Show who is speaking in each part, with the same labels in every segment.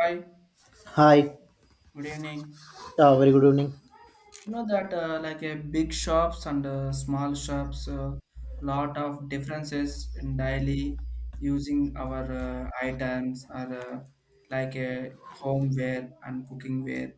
Speaker 1: Hi,
Speaker 2: Hi,
Speaker 1: good evening.
Speaker 2: very good evening.
Speaker 1: You know that Like a big shops and small shops, lot of differences in daily using our items or like a homeware and cooking wear,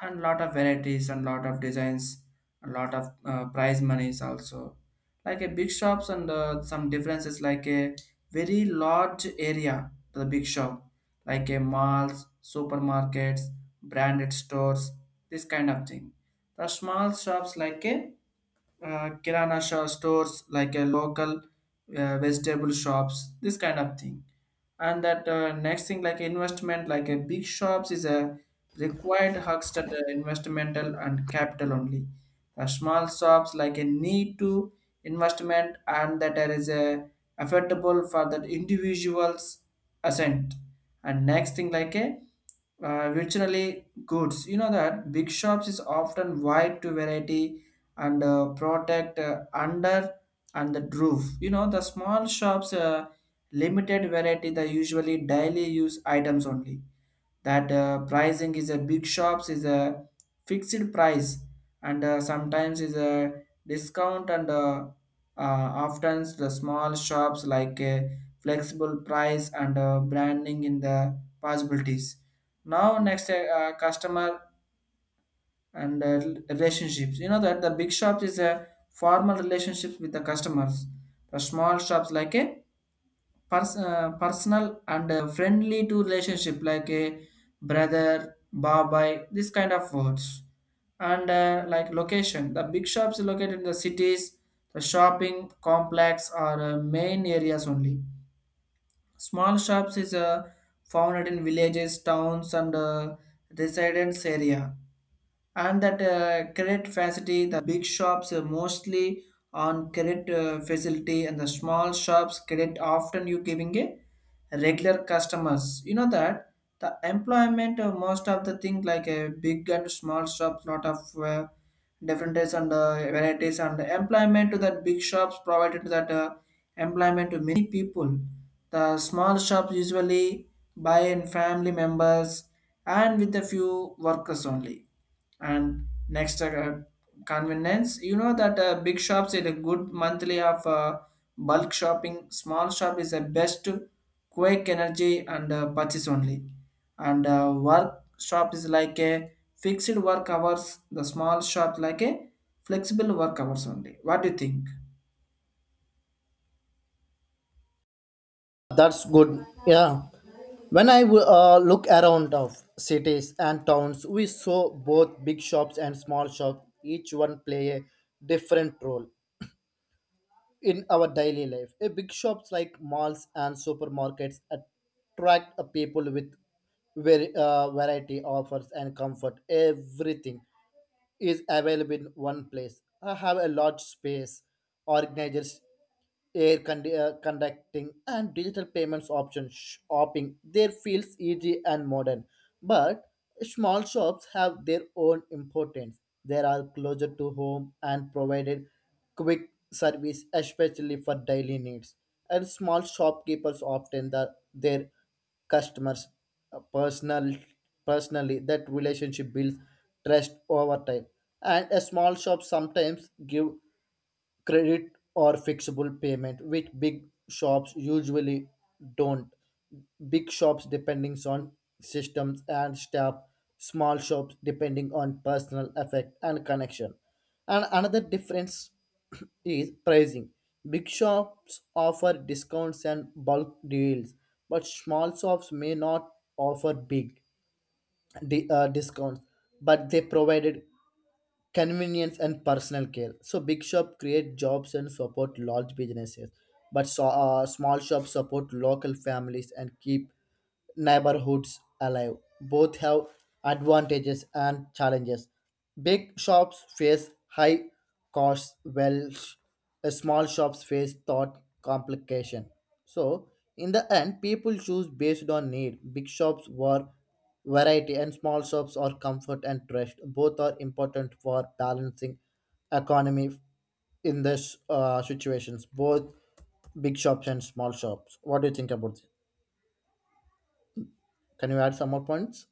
Speaker 1: and lot of varieties and lot of designs, a lot of prize monies also, like a big shops and some differences like a very large area to the big shop, like a malls, supermarkets, branded stores, this kind of thing. The small shops, like a, kirana stores, like a local vegetable shops, this kind of thing. And that, next thing like investment, like a big shops is a required hugs that investmental and capital only. The small shops like a need to investment, and that there is a affordable for that individuals ascent. And next thing like a virtually goods, you know that big shops is often wide to variety and protect under and the roof. You know, the small shops, limited variety. They usually daily use items only. That pricing is a big shops is a fixed price, and sometimes is a discount, and often the small shops like a flexible price and branding in the possibilities. Now next, customer and relationships. You know that the big shops is a formal relationships with the customers. The small shops like a personal and friendly to relationship like a brother, babai, this kind of words. And like location, the big shops is located in the cities, the shopping complex or main areas only. Small shops is found in villages, towns, and residence area. And that credit facility, the big shops are mostly on credit facility, and the small shops credit often you giving a regular customers, you know that. The employment of most of the thing, like a big and small shops, lot of differences and varieties, and employment to that big shops provided that employment to many people. The small shops usually buy in family members and with a few workers only. And next, convenience, you know that big shops is a good monthly of bulk shopping. Small shop is the best quick energy and purchase only. And work shop is like a fixed work hours. The small shop like a flexible work hours only. What do you think?
Speaker 2: That's good. Yeah. When I look around of cities and towns, we saw both big shops and small shops, each one play a different role in our daily life. A big shops like malls and supermarkets attract people with very variety offers and comfort. Everything is available in one place. I have a large space organizers conducting and digital payments options shopping there feels easy and modern, but small shops have their own importance. They are closer to home and provided quick service especially for daily needs, and small shopkeepers often their customers uh, personal personally that relationship builds trust over time. And a small shop sometimes give credit or fixable payment, which big shops usually don't. Big shops depending on systems and staff, small shops depending on personal effect and connection. And another difference is pricing. Big shops offer discounts and bulk deals, but small shops may not offer big discounts, but they provided convenience and personal care. So big shop create jobs and support large businesses, but small shops support local families and keep neighborhoods alive. Both have advantages and challenges. Big shops face high costs, while small shops face thought complication. So, in the end, people choose based on need. Big shops were variety, and small shops are comfort and trust. Both are important for balancing economy in this situations. Both big shops and small shops. What do you think about this? Can you add some more points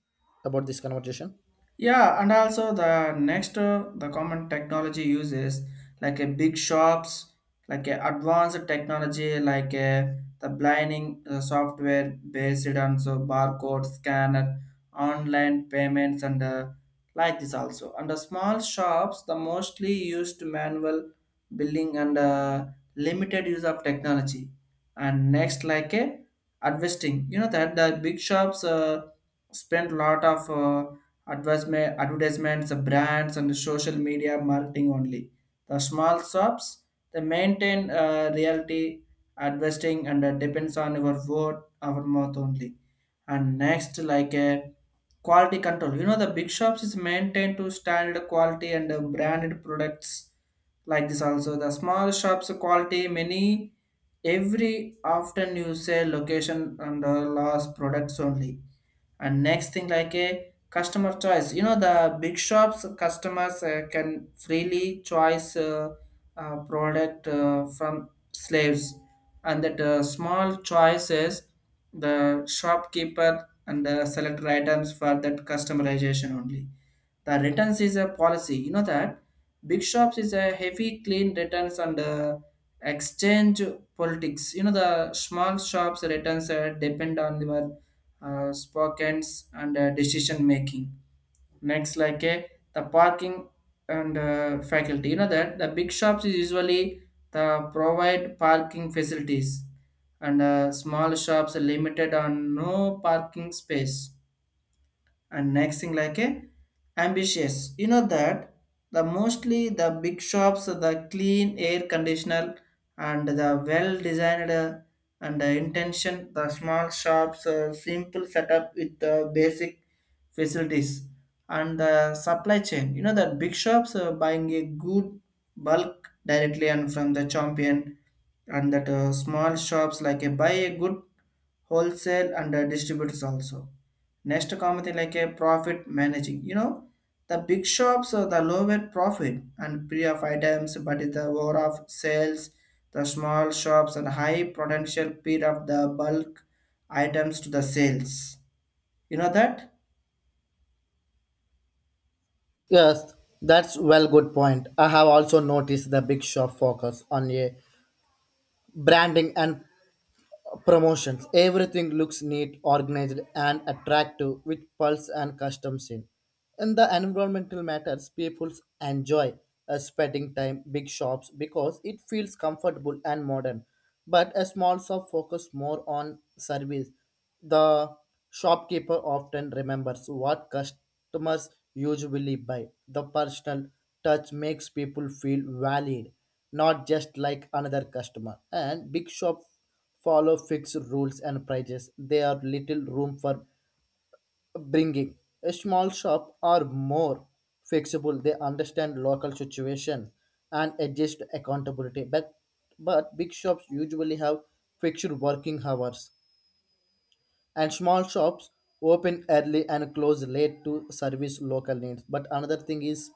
Speaker 2: about this conversation?
Speaker 1: Yeah, and also the next the common technology uses, like a big shops, like a advanced technology, like a, the blinding software based on so barcode scanner, online payments, and like this also. And the small shops, the mostly used manual billing and limited use of technology. And next, like a investing, you know that the big shops spend lot of. Advertisement, advertisements, the brands, and the social media marketing only. The small shops, they maintain reality advertising and depends on your word, our mouth only. And next, like a quality control. You know, the big shops is maintained to standard quality and branded products like this also. The small shops quality many every often you say location and loss products only. And next thing like a customer choice, you know the big shops customers can freely choice product from slaves, and that small choices, the shopkeeper and select items for that customization only. The returns is a policy, you know that big shops is a heavy clean returns and exchange politics. You know the small shops returns depend on your spockens and decision making. Next, like a the parking and faculty. You know that the big shops is usually the provide parking facilities, and small shops are limited on no parking space. And next thing like a ambitious, you know that the mostly the big shops the clean air conditioner and the well designed and the intention. The small shops simple setup with the basic facilities. And the supply chain, you know that big shops are buying a good bulk directly and from the champion, and that small shops like a buy a good wholesale and distributors also. Next common thing like a profit managing. You know, the big shops are the lower profit and pre of items, but it's the over of sales. The small shops and high potential period of the bulk items to the sales. You know that?
Speaker 2: Yes, that's well good point. I have also noticed the big shop focus on a branding and promotions. Everything looks neat, organized, and attractive with pulse and custom scene. In the environmental matters, people enjoy spending time big shops because it feels comfortable and modern. But a small shop focus more on service. The shopkeeper often remembers what customers usually buy. The personal touch makes people feel valued, not just like another customer. And big shop follow fixed rules and prices. There are little room for bringing. A small shop are more flexible. They understand local situation and adjust accountability. But big shops usually have fixed working hours and small shops open early and close late to service local needs, but another thing is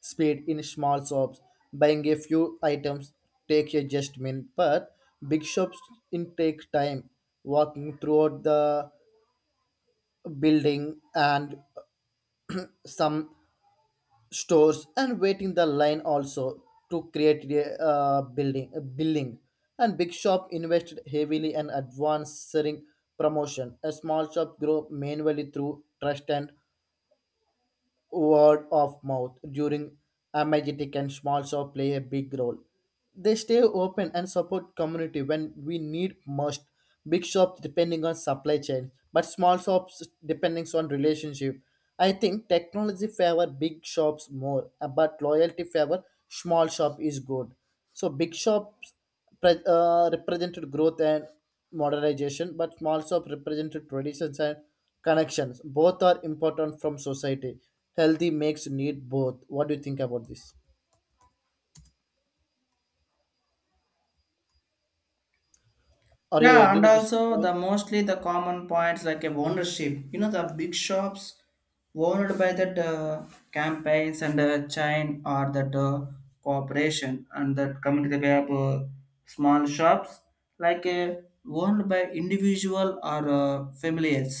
Speaker 2: speed. In small shops buying a few items take a just minute, but big shops in take time walking throughout the building and some stores and waiting the line also. To create a building, and big shop invested heavily in advancing promotion. A small shop grew manually through trust and word of mouth during emergency, and small shop play a big role. They stay open and support community when we need most. Big shops depending on supply chain, but small shops depending on relationship. I think technology favor big shops more, but loyalty favor small shop is good. So big shops represented growth and modernization, but also represented traditions and connections. Both are important from society. Healthy makes need both. What do you think about this? Are you
Speaker 1: Yeah,
Speaker 2: agree
Speaker 1: and
Speaker 2: with this
Speaker 1: also
Speaker 2: point?
Speaker 1: the mostly the common points like a ownership. You know the big shops owned by that campaigns and chain or that corporation, and that community we have, small shops like owned by individual or families.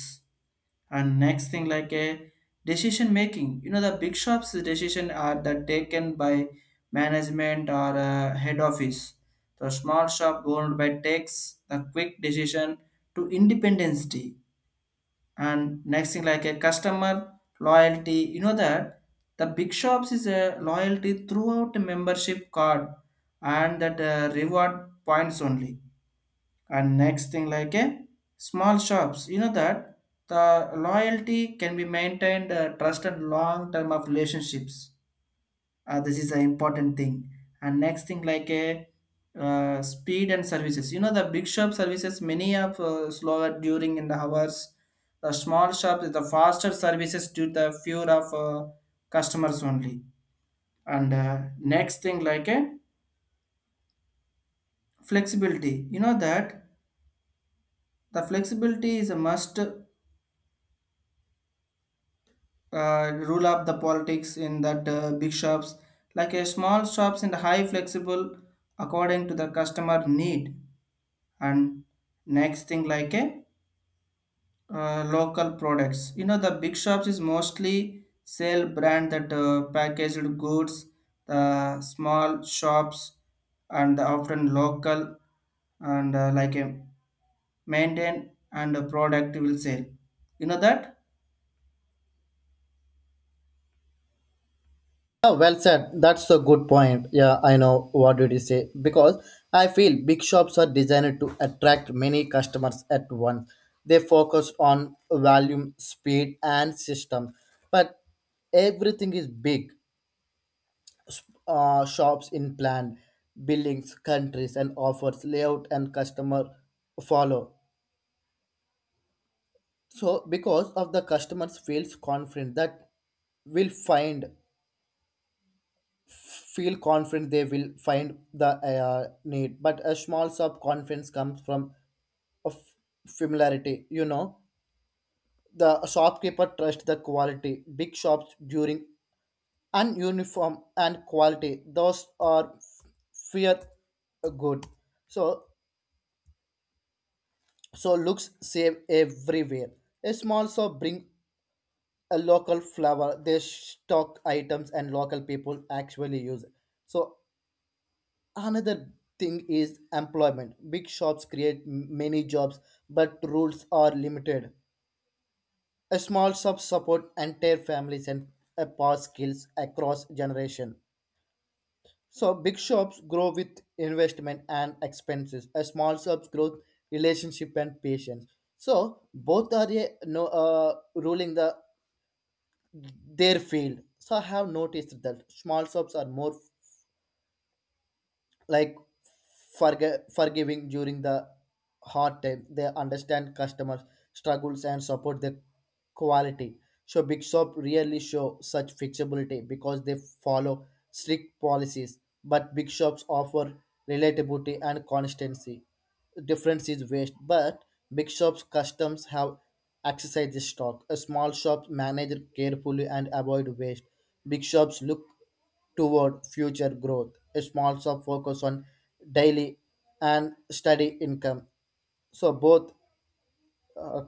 Speaker 1: And next thing like a decision making, you know the big shops decision are that taken by management or head office. The small shop owned by takes the quick decision to independence day. And next thing like a customer loyalty, you know that the big shops is a loyalty throughout a membership card and that reward points only. And next thing like a small shops, you know that the loyalty can be maintained trust and long term of relationships. This is an important thing. And next thing like a speed and services, you know the big shop services many of slower during in the hours. The small shop is the faster services due to the fewer of customers only. And next thing like a flexibility, you know that the flexibility is a must rule up the politics in that big shops. Like a small shops in the high flexible according to the customer need. And next thing like a local products, you know the big shops is mostly sell brand that packaged goods. The small shops, and the often local, and like a maintain and a product will sell, you know that.
Speaker 2: Yeah, well said. That's a good point. Yeah, I know what did you say, because I feel big shops are designed to attract many customers at once. They focus on volume, speed, and system, but everything is big shops in planned buildings, countries, and offers layout and customer follow. So, because of the customers feels confident that will find, feel confident they will find the need, but a small shop confidence comes from of familiarity. You know, the shopkeeper trust the quality. Big shops during ununiform and quality. Those are fear good. So so looks same everywhere. A small shop bring a local flower, they stock items and local people actually use. It. So another thing is employment. Big shops create many jobs, but rules are limited. A small shop support entire families and pass skills across generation. So big shops grow with investment and expenses. A small shops grow relationship and patience. So both are a, no, ruling the their field. So I have noticed that small shops are more like forgiving during the hard time. They understand customers struggles and support their quality. So big shop really show such flexibility because they follow strict policies, but big shops offer relatability and consistency. Difference is waste, but big shops customs have exercise stock. A small shops manage carefully and avoid waste. Big shops look toward future growth. A small shop focus on daily and steady income. So both, uh,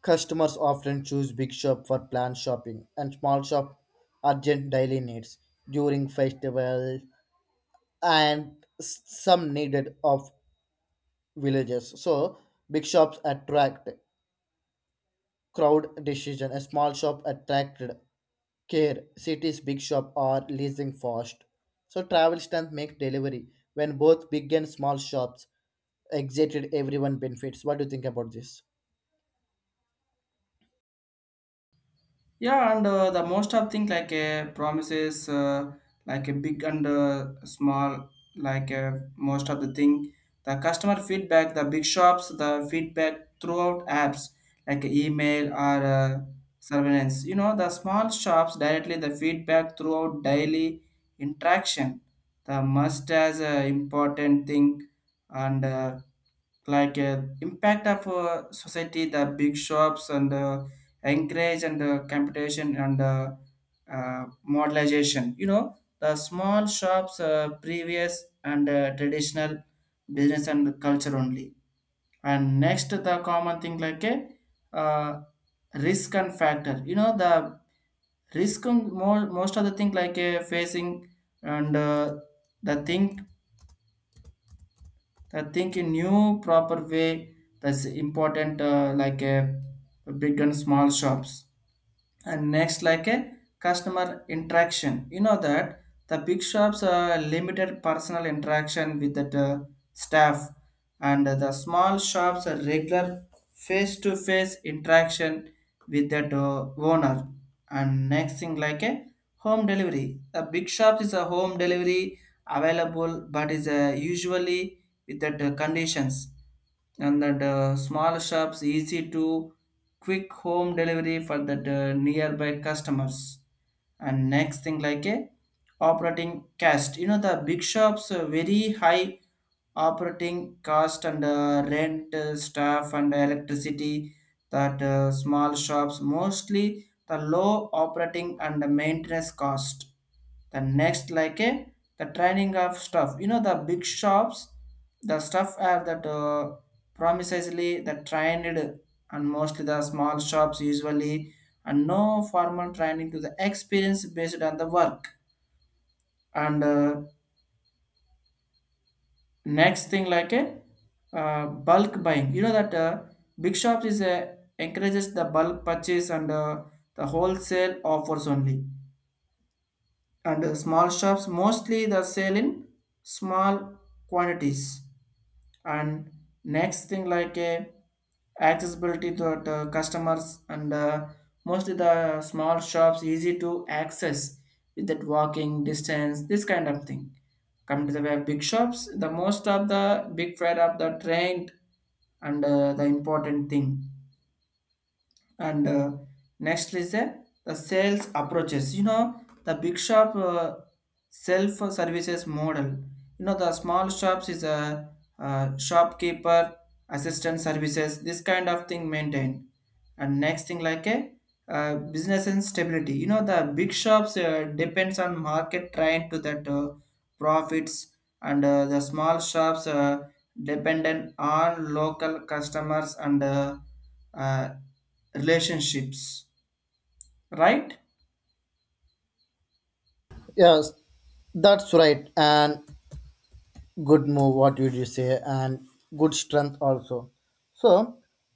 Speaker 2: customers often choose big shop for planned shopping and small shop urgent daily needs during festival and some needed of villages. So big shops attract crowd decision. A small shop attracted care, cities, big shop are leasing fast. So travel strength make delivery. When both big and small shops exited, everyone benefits. What do you think about this?
Speaker 1: Yeah, and the most of thing like a promises, like a big and small, like most of the thing, the customer feedback, the big shops the feedback throughout apps like email or surveillance. You know the small shops directly the feedback throughout daily interaction, the must as a important thing. And like impact of society, the big shops and encourage and computation and modelization. You know, the small shops, previous and traditional business and culture only. And next, the common thing like a uh, risk and factor. You know, the risk and more, most of the thing like a facing and the think the think in new proper way, that's important, like a big and small shops. And next like a customer interaction, you know that the big shops limited personal interaction with the staff. And the small shops are regular face to face interaction with that owner. And next thing like a home delivery, the big shops is a home delivery available, but is usually with that conditions. And that small shops easy to quick home delivery for that nearby customers. And next thing like a operating cost, you know the big shops very high operating cost and rent, staff and electricity. That small shops mostly the low operating and the maintenance cost. The next like a the training of stuff, you know the big shops the stuff are that promisingly the trained. And mostly the small shops usually and no formal training to the experience based on the work. And next thing like a bulk buying, you know that big shops is encourages the bulk purchase and the wholesale offers only. And small shops mostly the sale in small quantities. And next thing like a accessibility to the customers, and mostly the small shops easy to access with that walking distance, this kind of thing. Come to the way, big shops the most of the big freight of the trend and the important thing. And next is the sales approaches, you know the big shop self services model. You know the small shops is a, shopkeeper assistant services, this kind of thing maintained. And next thing like a business and stability, you know the big shops depends on market trend to that profits. And the small shops dependent on local customers and uh, relationships, right.
Speaker 2: Yes, that's right. And good move what would you say, and good strength also. So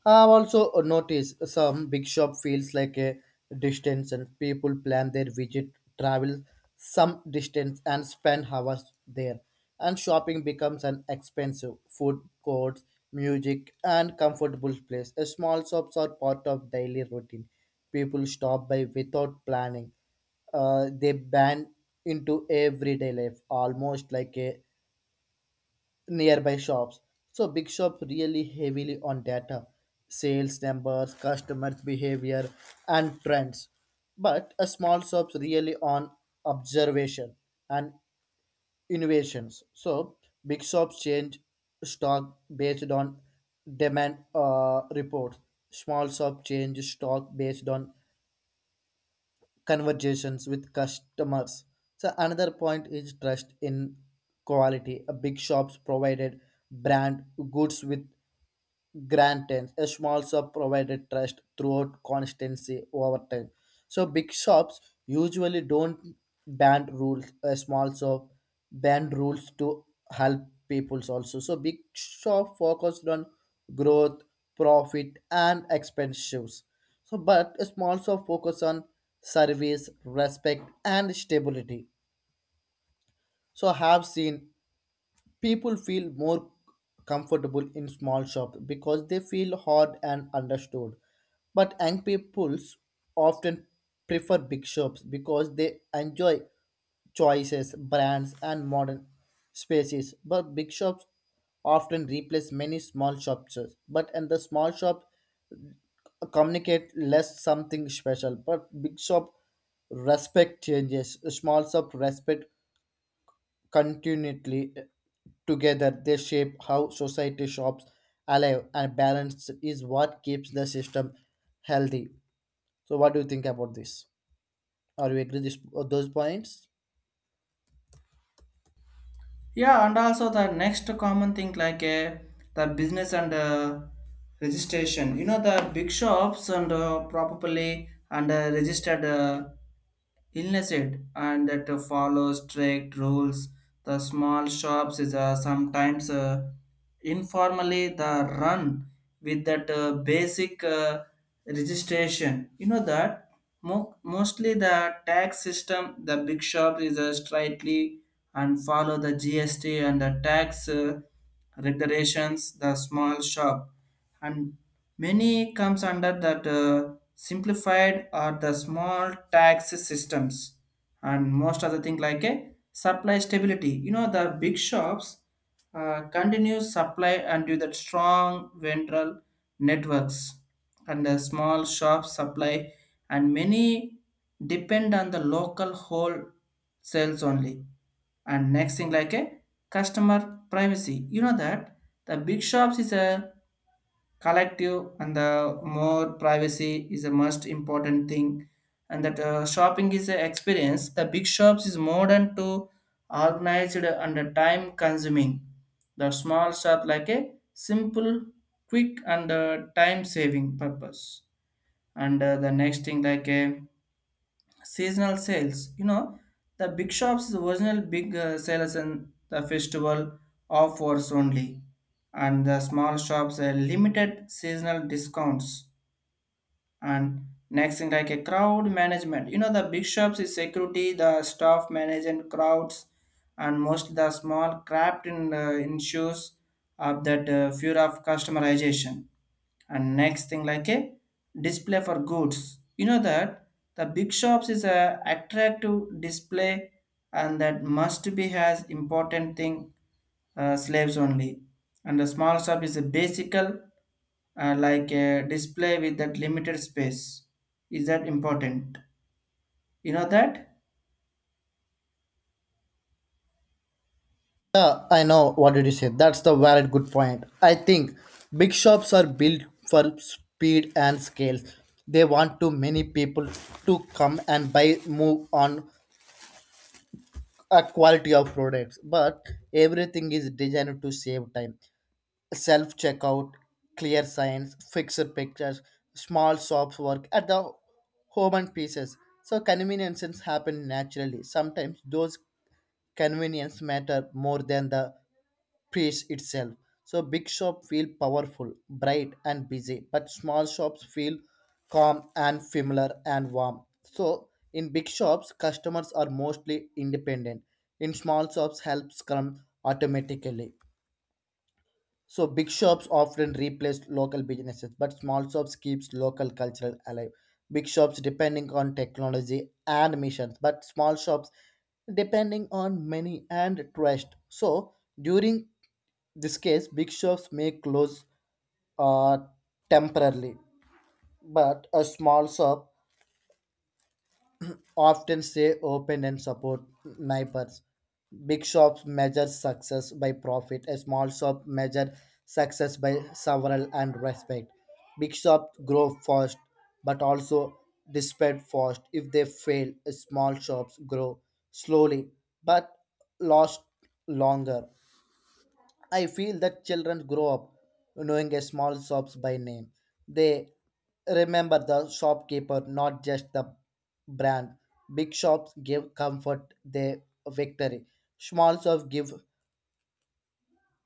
Speaker 2: I've also noticed some big shop feels like a distance and people plan their visit, travel some distance and spend hours there, and shopping becomes an expensive food courts, music and comfortable place. A small shops are part of daily routine. People stop by without planning. They ban into everyday life almost like a nearby shops. So big shops really heavily on data, sales numbers, customers behavior and trends. But a small shops really on observation and innovations. So big shops change stock based on demand reports. Small shop change stock based on conversations with customers. So another point is trust in quality. A big shops provided brand goods with Grantans. A small shop provided trust throughout constancy over time. So big shops usually don't band rules. A small shop band rules to help peoples also. So big shop focused on growth, profit, and expenses. So but a small shop focus on service, respect, and stability. So I have seen people feel more comfortable in small shops because they feel heard and understood. But young peoples often prefer big shops because they enjoy choices, brands, and modern spaces. But big shops often replace many small shops. But in the small shop, communicate less something special. But big shop respect changes. Small shop respect continually together. They shape how society shops alive, and balance is what keeps the system healthy. So what do you think about this? Are you agree this those points?
Speaker 1: Yeah, and also the next common thing like the business and registration, you know the big shops and probably and registered illness it and that follow strict rules. The small shops is sometimes informally the run with that basic registration. You know that mostly the tax system, the big shop is strictly and follow the GST and the tax regulations. The small shop and many comes under that simplified or the small tax systems, and most other thing like a supply stability. You know the big shops continuous supply and do that strong ventral networks, and the small shops supply and many depend on the local wholesales only. And next thing like a customer privacy, you know that the big shops is a collective and the more privacy is the most important thing. And that shopping is an experience, the big shops is modern to organized and time consuming, the small shop like a simple quick and time saving purpose. And the next thing like a seasonal sales, you know the big shops is original big sales and the festival offers only, and the small shops are limited seasonal discounts. And next thing like a crowd management, you know the big shops is security the staff management crowds, and most the small craft in issues of that fear of customization. And next thing like a display for goods, you know that the big shops is a attractive display and that must be has important thing slaves only, and the small shop is a basical like a display with that limited space is that important, you know that.
Speaker 2: Yeah, I know what did you say. That's the valid good point. I think big shops are built for speed and scale. They want too many people to come and buy move on a quality of products, but everything is designed to save time: self checkout, clear signs, fixed pictures. Small shops work at the home and pieces. So conveniences happen naturally. Sometimes those convenience matter more than the place itself. So big shop feel powerful, bright and busy, but small shops feel calm and familiar and warm. So in big shops, customers are mostly independent. In small shops, helps come automatically. So big shops often replaced local businesses, but small shops keeps local culture alive. Big shops depending on technology and missions, but small shops depending on money and trust. So during this case, big shops may close uh, temporarily, but a small shop often stay open and support neighbors. Big shops measure success by profit. A small shop measure success by several and respect. Big shops grow fast, but also despair fast. If they fail, small shops grow slowly, but last longer. I feel that children grow up knowing a small shops by name. They remember the shopkeeper, not just the brand. Big shops give comfort, they victory. Small shops give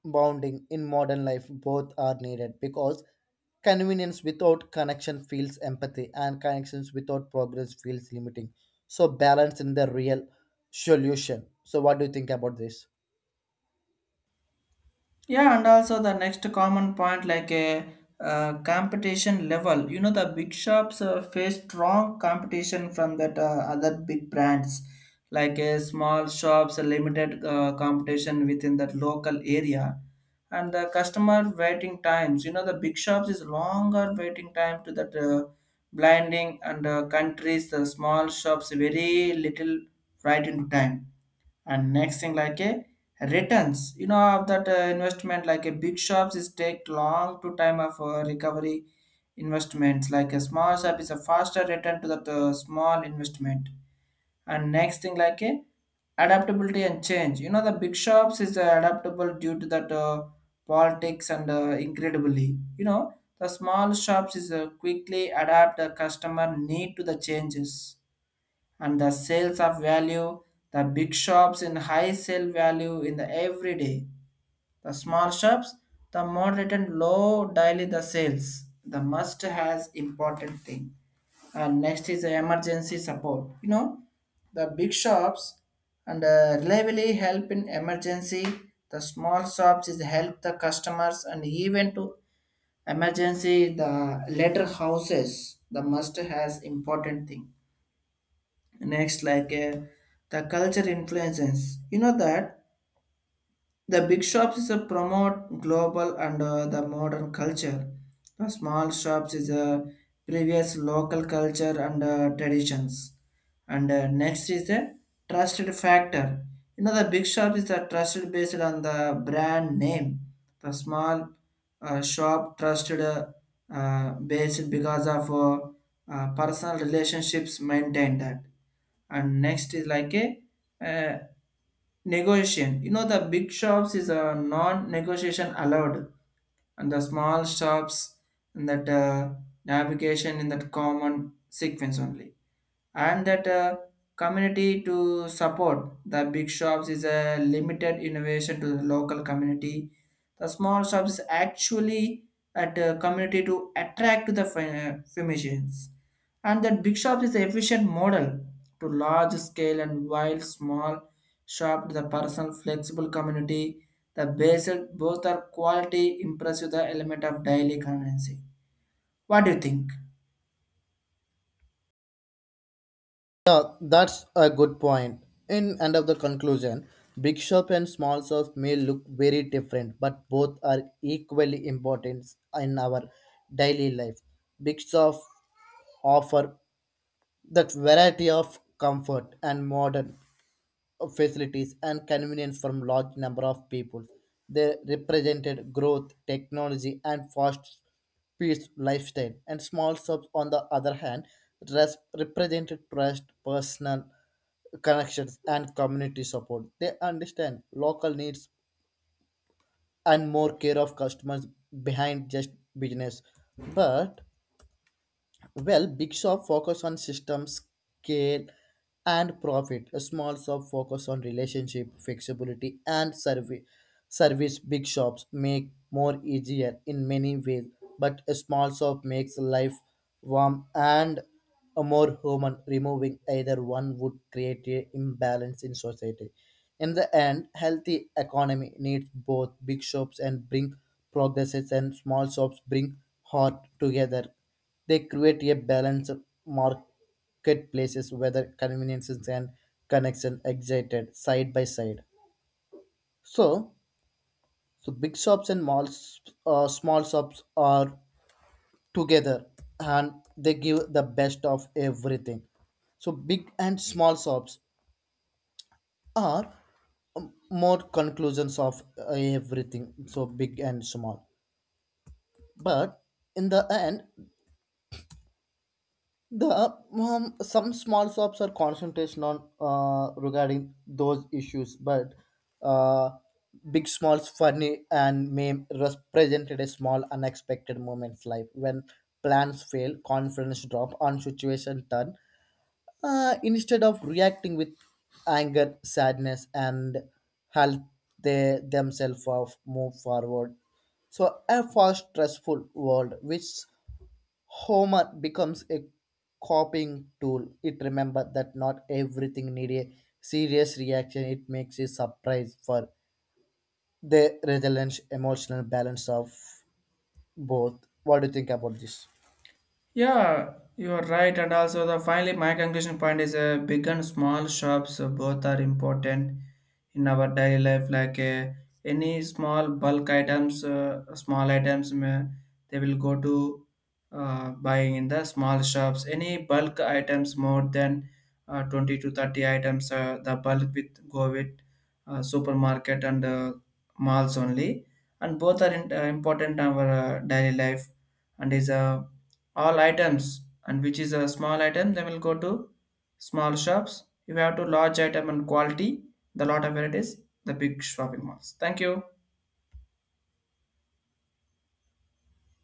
Speaker 2: bounding in modern life. Both are needed because convenience without connection feels empathy, and connections without progress feels limiting. So balance in the real solution. So what do you think about this?
Speaker 1: Yeah, and also the next common point like a competition level. You know, the big shops face strong competition from that other big brands, like a small shops, a limited competition within that local area, and the customer waiting times. You know, the big shops is longer waiting time to that blinding and countries. The small shops very little right into time. And next thing like a returns, you know of that investment, like a big shops is take long to time of recovery investments, like a small shop is a faster return to that small investment. And next thing like a adaptability and change, you know the big shops is adaptable due to that politics and incredibly, you know the small shops is quickly adapt the customer need to the changes. And the sales of value, the big shops in high sale value in the every day, the small shops the moderate and low daily the sales, the must has important thing. And next is the emergency support, you know the big shops and reliably help in emergency, the small shops is help the customers and even to emergency the later houses, the must has important thing. Next, like the culture influences. You know that the big shops is a promote global and the modern culture. The small shops is a previous local culture and traditions. And next is the trusted factor. You know the big shop is the trusted based on the brand name. The small shop trusted based because of personal relationships maintained that. And next is like a uh, negotiation, you know the big shops is a non-negotiation allowed, and the small shops and that navigation in that common sequence only, and that community to support. The big shops is a limited innovation to the local community, the small shops is actually at a community to attract to the physicians. And that big shops is an efficient model to large scale, and while small shop to the personal flexible community, the basic both are quality impressive the element of daily currency. What do you think?
Speaker 2: Yeah, that's a good point. In end of the conclusion, big shop and small shop may look very different, but both are equally important in our daily life. Big shop offer that variety of comfort and modern facilities and convenience from large number of people. They represented growth, technology, and fast paced lifestyle. And small shops, on the other hand, represented trust, personal connections, and community support. They understand local needs and more care of customers behind just business. But well, big shop focus on system scale and profit. A small shop focus on relationship, flexibility, and service. Service big shops make more easier in many ways, but a small shop makes life warm and a more human. Removing either one would create a imbalance in society. In the end, healthy economy needs both big shops and bring progresses, and small shops bring heart together. They create a balanced marketplaces where conveniences and connection excited side by side. So, so big shops and malls, small shops are together and they give the best of everything. So big and small shops are more conclusions of everything. So big and small, but in the end, the some small shops are concentration on regarding those issues, but uh, big smalls funny and meme represented a small unexpected moments life when plans fail, confidence drop, and situation turn. Instead of reacting with anger, sadness, and help, they themselves of move forward. So a fast, stressful world which Homer becomes a coping tool. It remember that not everything needs a serious reaction. It makes a surprise for the resilient emotional balance of both. What do you think about this?
Speaker 1: Yeah, you are right. And also, the finally, my conclusion point is big and small shops both are important in our daily life. Like any small bulk items, small items, may, they will go to buying in the small shops. Any bulk items more than 20 to 30 items, the bulk with go with supermarket and malls only. And both are in, important in our daily life, and is a all items, and which is a small item then we'll go to small shops. If you have to large item and quality the lot of varieties, the big shopping malls. Thank you.